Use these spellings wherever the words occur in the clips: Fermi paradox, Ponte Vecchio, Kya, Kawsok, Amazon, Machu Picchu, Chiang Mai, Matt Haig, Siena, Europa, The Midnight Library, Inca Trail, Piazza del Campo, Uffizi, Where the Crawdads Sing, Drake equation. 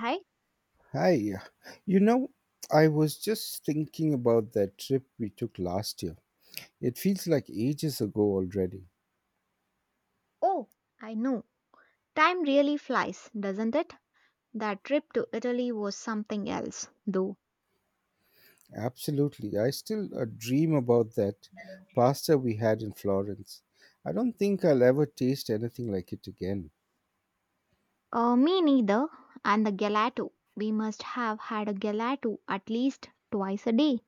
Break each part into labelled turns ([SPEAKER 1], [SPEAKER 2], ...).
[SPEAKER 1] Hi.
[SPEAKER 2] Hi. You know, I was just thinking about that trip we took last year. It feels like ages ago already.
[SPEAKER 1] Oh, I know. Time really flies, doesn't it? That trip to Italy was something else, though.
[SPEAKER 2] Absolutely. I still dream about that pasta we had in Florence. I don't think I'll ever taste anything like it again.
[SPEAKER 1] Me neither. And the gelato. We must have had a gelato at least twice a day.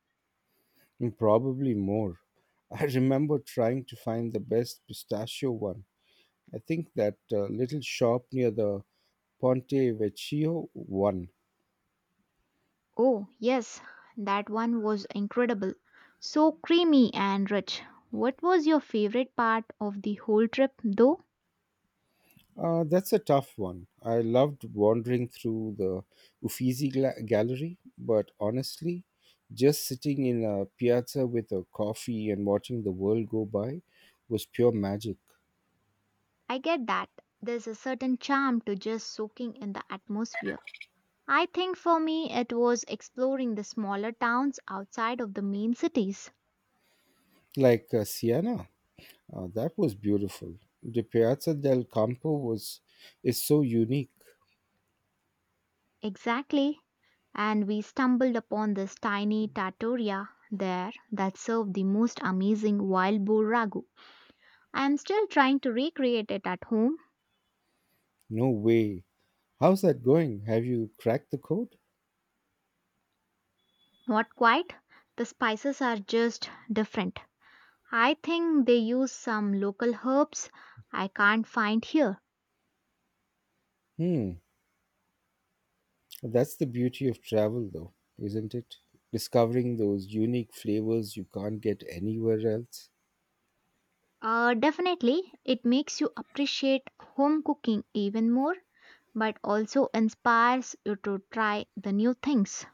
[SPEAKER 2] And probably more. I remember trying to find the best pistachio one. I think that little shop near the Ponte Vecchio one.
[SPEAKER 1] Oh, yes. That one was incredible. So creamy and rich. What was your favorite part of the whole trip, though?
[SPEAKER 2] That's a tough one. I loved wandering through the gallery, but honestly, just sitting in a piazza with a coffee and watching the world go by was pure magic.
[SPEAKER 1] I get that. There's a certain charm to just soaking in the atmosphere. I think for me it was exploring the smaller towns outside of the main cities.
[SPEAKER 2] Like Siena, that was beautiful. The Piazza del Campo was is so unique.
[SPEAKER 1] Exactly. And we stumbled upon this tiny trattoria there that served the most amazing wild boar ragu. I am still trying to recreate it at home.
[SPEAKER 2] No way. How's that going? Have you cracked the code?
[SPEAKER 1] Not quite. The spices are just different. I think they use some local herbs I can't find here.
[SPEAKER 2] Hmm. That's the beauty of travel, though, isn't it? Discovering those unique flavors you can't get anywhere else.
[SPEAKER 1] Definitely, it makes you appreciate home cooking even more, but also inspires you to try the new things.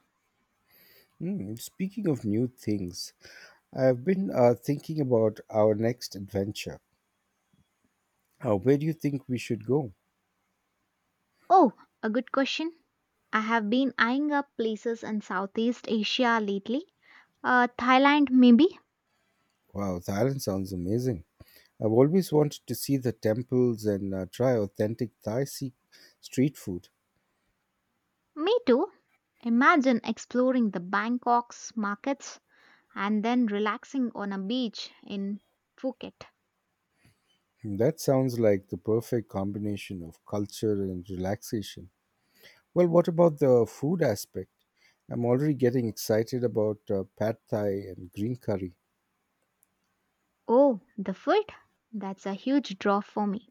[SPEAKER 2] Hmm, speaking of new things, I've been thinking about our next adventure. Where do you think we should go?
[SPEAKER 1] Oh, a good question. I have been eyeing up places in Southeast Asia lately. Thailand, maybe?
[SPEAKER 2] Wow, Thailand sounds amazing. I've always wanted to see the temples and try authentic Thai se- street food.
[SPEAKER 1] Me too. Imagine exploring the Bangkok's markets and then relaxing on a beach in Phuket.
[SPEAKER 2] Hmm, that sounds like the perfect combination of culture and relaxation. Well, what about the food aspect? I'm already getting excited about pad thai and green curry.
[SPEAKER 1] Oh, the food? That's a huge draw for me.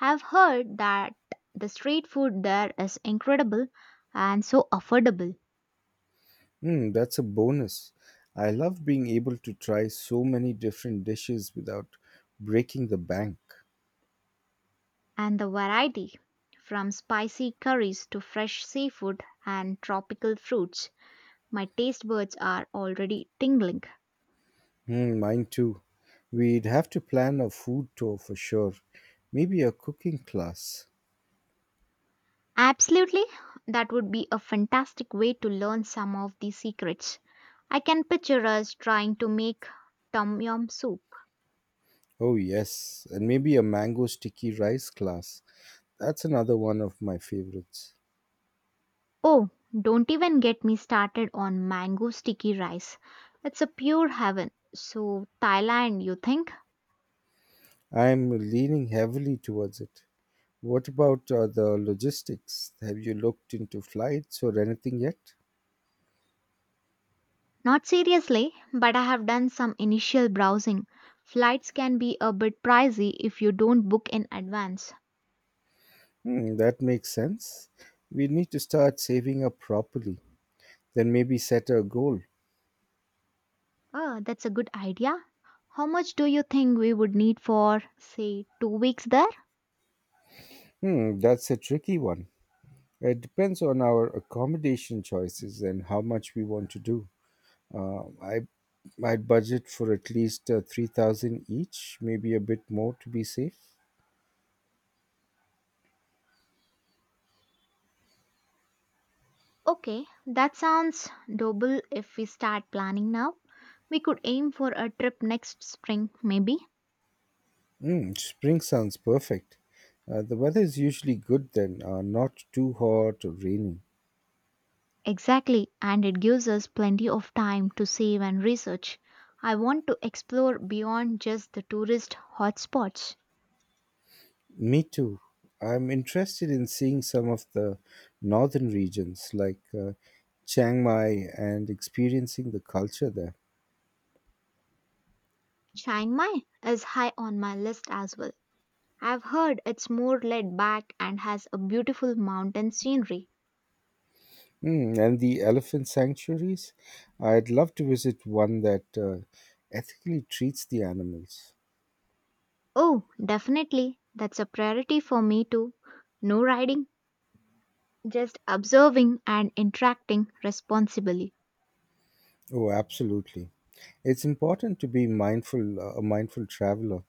[SPEAKER 1] I've heard that the street food there is incredible and so affordable.
[SPEAKER 2] Hmm, that's a bonus. I love being able to try so many different dishes without breaking the bank.
[SPEAKER 1] And the variety, from spicy curries to fresh seafood and tropical fruits. My taste buds are already tingling.
[SPEAKER 2] Hmm, mine too. We'd have to plan a food tour for sure. Maybe a cooking class.
[SPEAKER 1] Absolutely, that would be a fantastic way to learn some of the secrets. I can picture us trying to make tom yum soup.
[SPEAKER 2] Oh, yes, and maybe a mango sticky rice class. That's another one of my favorites.
[SPEAKER 1] Oh, don't even get me started on mango sticky rice. It's a pure heaven. So, Thailand, you think?
[SPEAKER 2] I'm leaning heavily towards it. What about the logistics? Have you looked into flights or anything yet?
[SPEAKER 1] Not seriously, but I have done some initial browsing. Flights can be a bit pricey if you don't book in advance.
[SPEAKER 2] Hmm, that makes sense. We need to start saving up properly, then maybe set a goal.
[SPEAKER 1] Oh, that's a good idea. How much do you think we would need for, say, 2 weeks there?
[SPEAKER 2] Hmm, that's a tricky one. It depends on our accommodation choices and how much we want to do. Uh, I I'd budget for at least 3,000 each, maybe a bit more to be safe.
[SPEAKER 1] Okay, that sounds doable if we start planning now. We could aim for a trip next spring, maybe.
[SPEAKER 2] Mm, spring sounds perfect. The weather is usually good then, not too hot or rainy.
[SPEAKER 1] Exactly, and it gives us plenty of time to save and research. I want to explore beyond just the tourist hotspots.
[SPEAKER 2] Me too. I'm interested in seeing some of the northern regions like Chiang Mai and experiencing the culture there.
[SPEAKER 1] Chiang Mai is high on my list as well. I've heard it's more laid back and has a beautiful mountain scenery.
[SPEAKER 2] Mm, and the elephant sanctuaries. I'd love to visit one that ethically treats the animals.
[SPEAKER 1] Oh, definitely. That's a priority for me too. No riding, just observing and interacting responsibly.
[SPEAKER 2] Oh, absolutely. It's important to be mindful, a mindful traveler.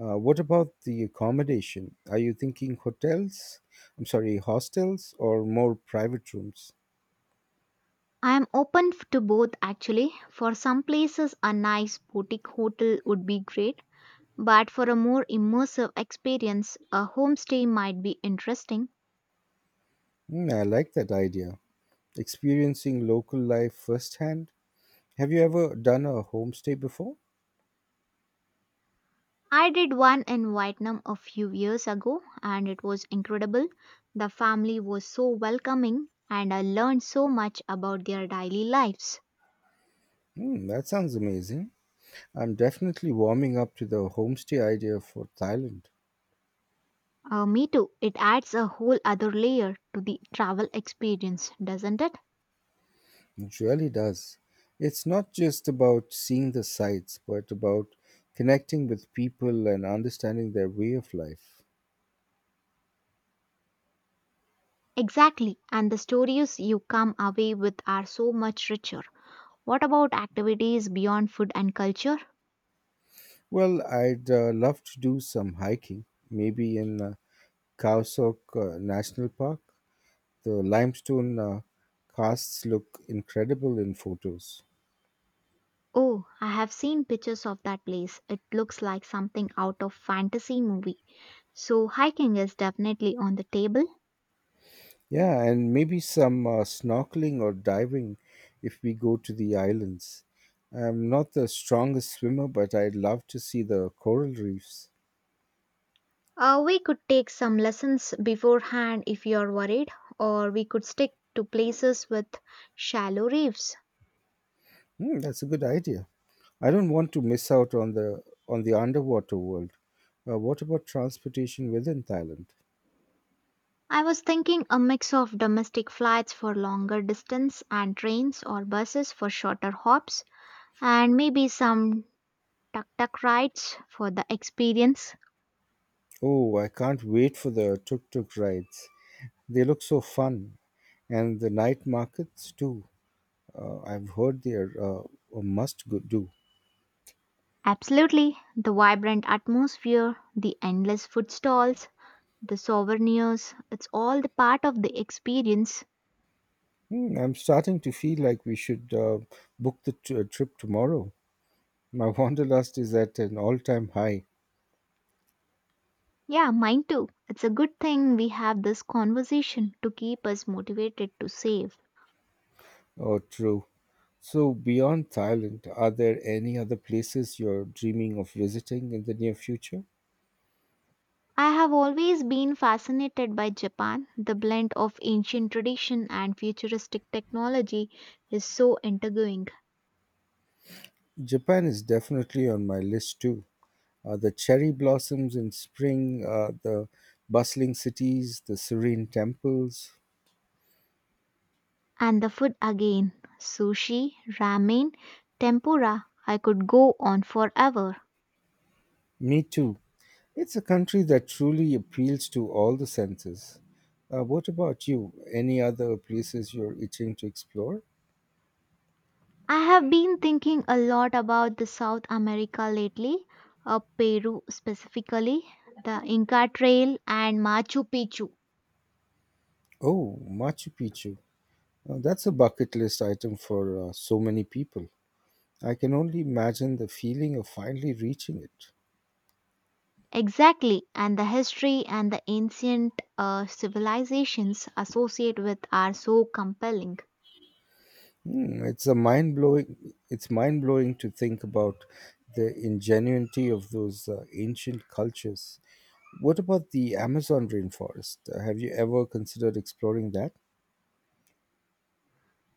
[SPEAKER 2] What about the accommodation? Are you thinking hotels? I'm sorry, hostels or more private rooms?
[SPEAKER 1] I am open to both, actually. For some places, a nice boutique hotel would be great, but for a more immersive experience, a homestay might be interesting.
[SPEAKER 2] Hmm, I like that idea. Experiencing local life firsthand. Have you ever done a homestay before?
[SPEAKER 1] I did one in Vietnam a few years ago and it was incredible. The family was so welcoming and I learned so much about their daily lives.
[SPEAKER 2] Hmm, that sounds amazing. I'm definitely warming up to the homestay idea for Thailand.
[SPEAKER 1] Me too. It adds a whole other layer to the travel experience, doesn't it?
[SPEAKER 2] It really does. It's not just about seeing the sights, but about connecting with people and understanding their way of life.
[SPEAKER 1] Exactly. And the stories you come away with are so much richer. What about activities beyond food and culture?
[SPEAKER 2] Well, I'd love to do some hiking, maybe in Kawsok National Park. The limestone casts look incredible in photos.
[SPEAKER 1] Oh, I have seen pictures of that place. It looks like something out of fantasy movie. So hiking is definitely on the table.
[SPEAKER 2] Yeah, and maybe some snorkeling or diving if we go to the islands. I'm not the strongest swimmer, but I'd love to see the coral reefs.
[SPEAKER 1] We could take some lessons beforehand if you're worried, or we could stick to places with shallow reefs.
[SPEAKER 2] Hmm, that's a good idea. I don't want to miss out on the underwater world. What about transportation within Thailand?
[SPEAKER 1] I was thinking a mix of domestic flights for longer distance and trains or buses for shorter hops, and maybe some tuk tuk rides for the experience.
[SPEAKER 2] Oh, I can't wait for the tuk tuk rides. They look so fun. And the night markets too. I've heard they're a must go do.
[SPEAKER 1] Absolutely. The vibrant atmosphere, the endless food stalls, the souvenirs, it's all the part of the experience.
[SPEAKER 2] Hmm, I'm starting to feel like we should trip tomorrow. My wanderlust is at an all time high.
[SPEAKER 1] Yeah, mine too. It's a good thing we have this conversation to keep us motivated to save.
[SPEAKER 2] Oh, true. So, beyond Thailand, are there any other places you're dreaming of visiting in the near future?
[SPEAKER 1] I have always been fascinated by Japan. The blend of ancient tradition and futuristic technology is so intriguing.
[SPEAKER 2] Japan is definitely on my list too. The cherry blossoms in spring, the bustling cities, the serene temples.
[SPEAKER 1] And the food again, sushi, ramen, tempura. I could go on forever.
[SPEAKER 2] Me too. It's a country that truly appeals to all the senses. What about you? Any other places you're itching to explore?
[SPEAKER 1] I have been thinking a lot about the South America lately, Peru specifically, the Inca Trail and Machu Picchu.
[SPEAKER 2] Oh, Machu Picchu. Now, that's a bucket list item for so many people. I can only imagine the feeling of finally reaching it.
[SPEAKER 1] Exactly, and the history and the ancient civilizations associated with are so compelling.
[SPEAKER 2] Hmm, It's a mind blowing. It's mind blowing to think about the ingenuity of those ancient cultures. What about the Amazon rainforest? Have you ever considered exploring that?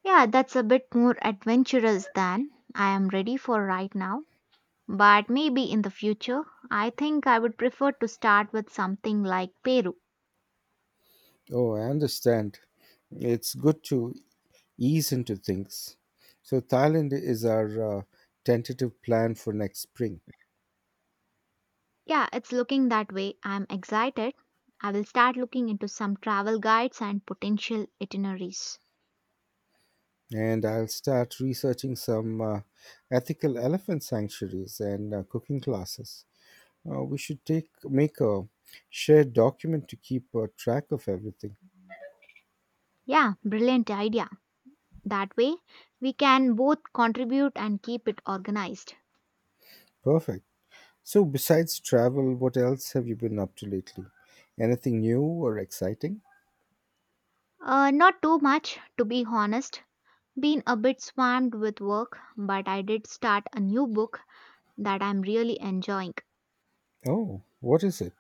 [SPEAKER 1] Yeah, that's a bit more adventurous than I am ready for right now, but maybe in the future, I think I would prefer to start with something like Peru.
[SPEAKER 2] Oh, I understand. It's good to ease into things. So Thailand is our uh, tentative plan for next spring,
[SPEAKER 1] Yeah, it's looking that way. I'm excited. I will start looking into some travel guides and potential itineraries.
[SPEAKER 2] and I'll start researching some ethical elephant sanctuaries and cooking classes. We should take make a shared document to keep a track of everything.
[SPEAKER 1] Yeah, brilliant idea. That way, we can both contribute and keep it organized.
[SPEAKER 2] Perfect. So besides travel, what else have you been up to lately? Anything new or exciting?
[SPEAKER 1] Not too much, to be honest. Been a bit swamped with work, but I did start a new book that I'm really enjoying.
[SPEAKER 2] Oh, what is it?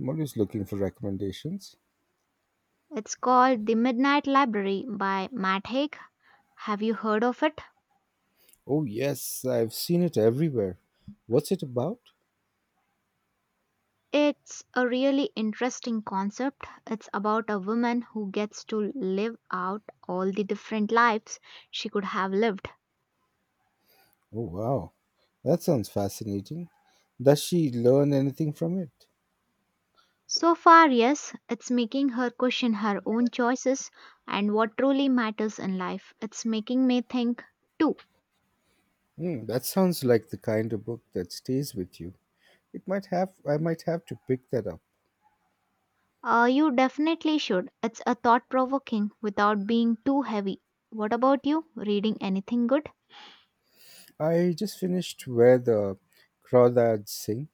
[SPEAKER 2] I'm always looking for recommendations.
[SPEAKER 1] It's called The Midnight Library by Matt Haig. Have you heard of it?
[SPEAKER 2] Oh yes, I've seen it everywhere. What's it about?
[SPEAKER 1] It's a really interesting concept. It's about a woman who gets to live out all the different lives she could have lived.
[SPEAKER 2] Oh wow, that sounds fascinating. Does she learn anything from it?
[SPEAKER 1] So far, yes, it's making her question her own choices and what truly matters in life. It's making me think too.
[SPEAKER 2] Hmm, that sounds like the kind of book that stays with you. It might have I might have to pick that up.
[SPEAKER 1] You definitely should. It's a thought provoking without being too heavy. What about you? Reading anything good?
[SPEAKER 2] I just finished Where the Crawdads Sing.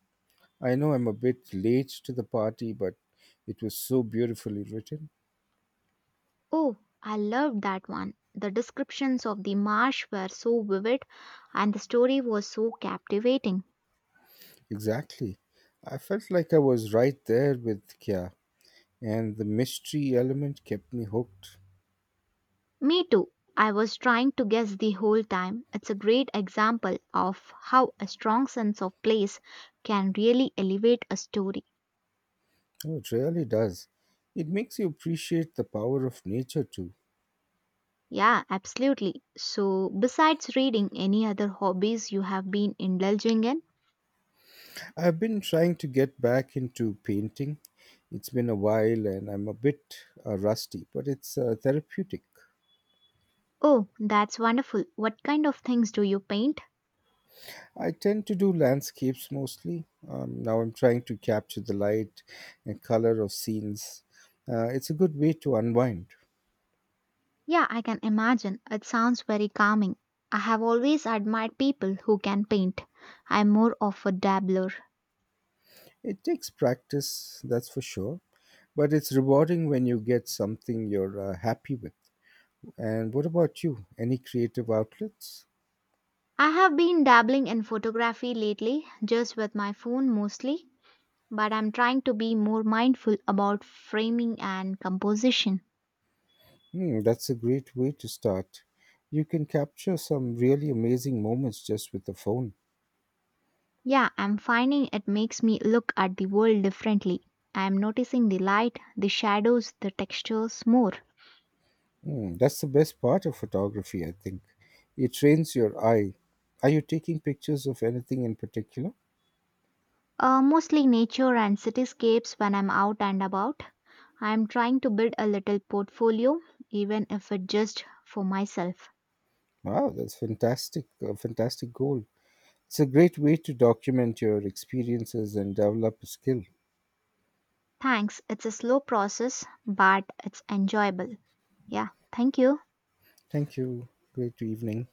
[SPEAKER 2] I know I'm a bit late to the party, but it was so beautifully written.
[SPEAKER 1] Oh, I loved that one. The descriptions of the marsh were so vivid and the story was so captivating.
[SPEAKER 2] Exactly. I felt like I was right there with Kya, and the mystery element kept me hooked.
[SPEAKER 1] Me too. I was trying to guess the whole time. It's a great example of how a strong sense of place can really elevate a story.
[SPEAKER 2] Oh, it really does. It makes you appreciate the power of nature too.
[SPEAKER 1] Yeah, absolutely. So, besides reading, any other hobbies you have been indulging in?
[SPEAKER 2] I've been trying to get back into painting. It's been a while and I'm a bit rusty, but it's therapeutic.
[SPEAKER 1] Oh, that's wonderful. What kind of things do you paint?
[SPEAKER 2] I tend to do landscapes mostly. Now I'm trying to capture the light and color of scenes. It's a good way to unwind.
[SPEAKER 1] Yeah, I can imagine. It sounds very calming. I have always admired people who can paint. I'm more of a dabbler.
[SPEAKER 2] It takes practice, that's for sure, but it's rewarding when you get something you're happy with. And what about you? Any creative outlets?
[SPEAKER 1] I have been dabbling in photography lately, just with my phone mostly, but I'm trying to be more mindful about framing and composition.
[SPEAKER 2] Hmm, that's a great way to start. You can capture some really amazing moments just with the phone.
[SPEAKER 1] Yeah, I'm finding it makes me look at the world differently. I'm noticing the light, the shadows, the textures more.
[SPEAKER 2] Mm, that's the best part of photography, I think. It trains your eye. Are you taking pictures of anything in particular?
[SPEAKER 1] Mostly nature and cityscapes when I'm out and about. I'm trying to build a little portfolio, even if it just for myself.
[SPEAKER 2] Wow, that's fantastic. A fantastic goal. It's a great way to document your experiences and develop a skill.
[SPEAKER 1] Thanks. It's a slow process, but it's enjoyable. Yeah, thank you.
[SPEAKER 2] Thank you. Great evening.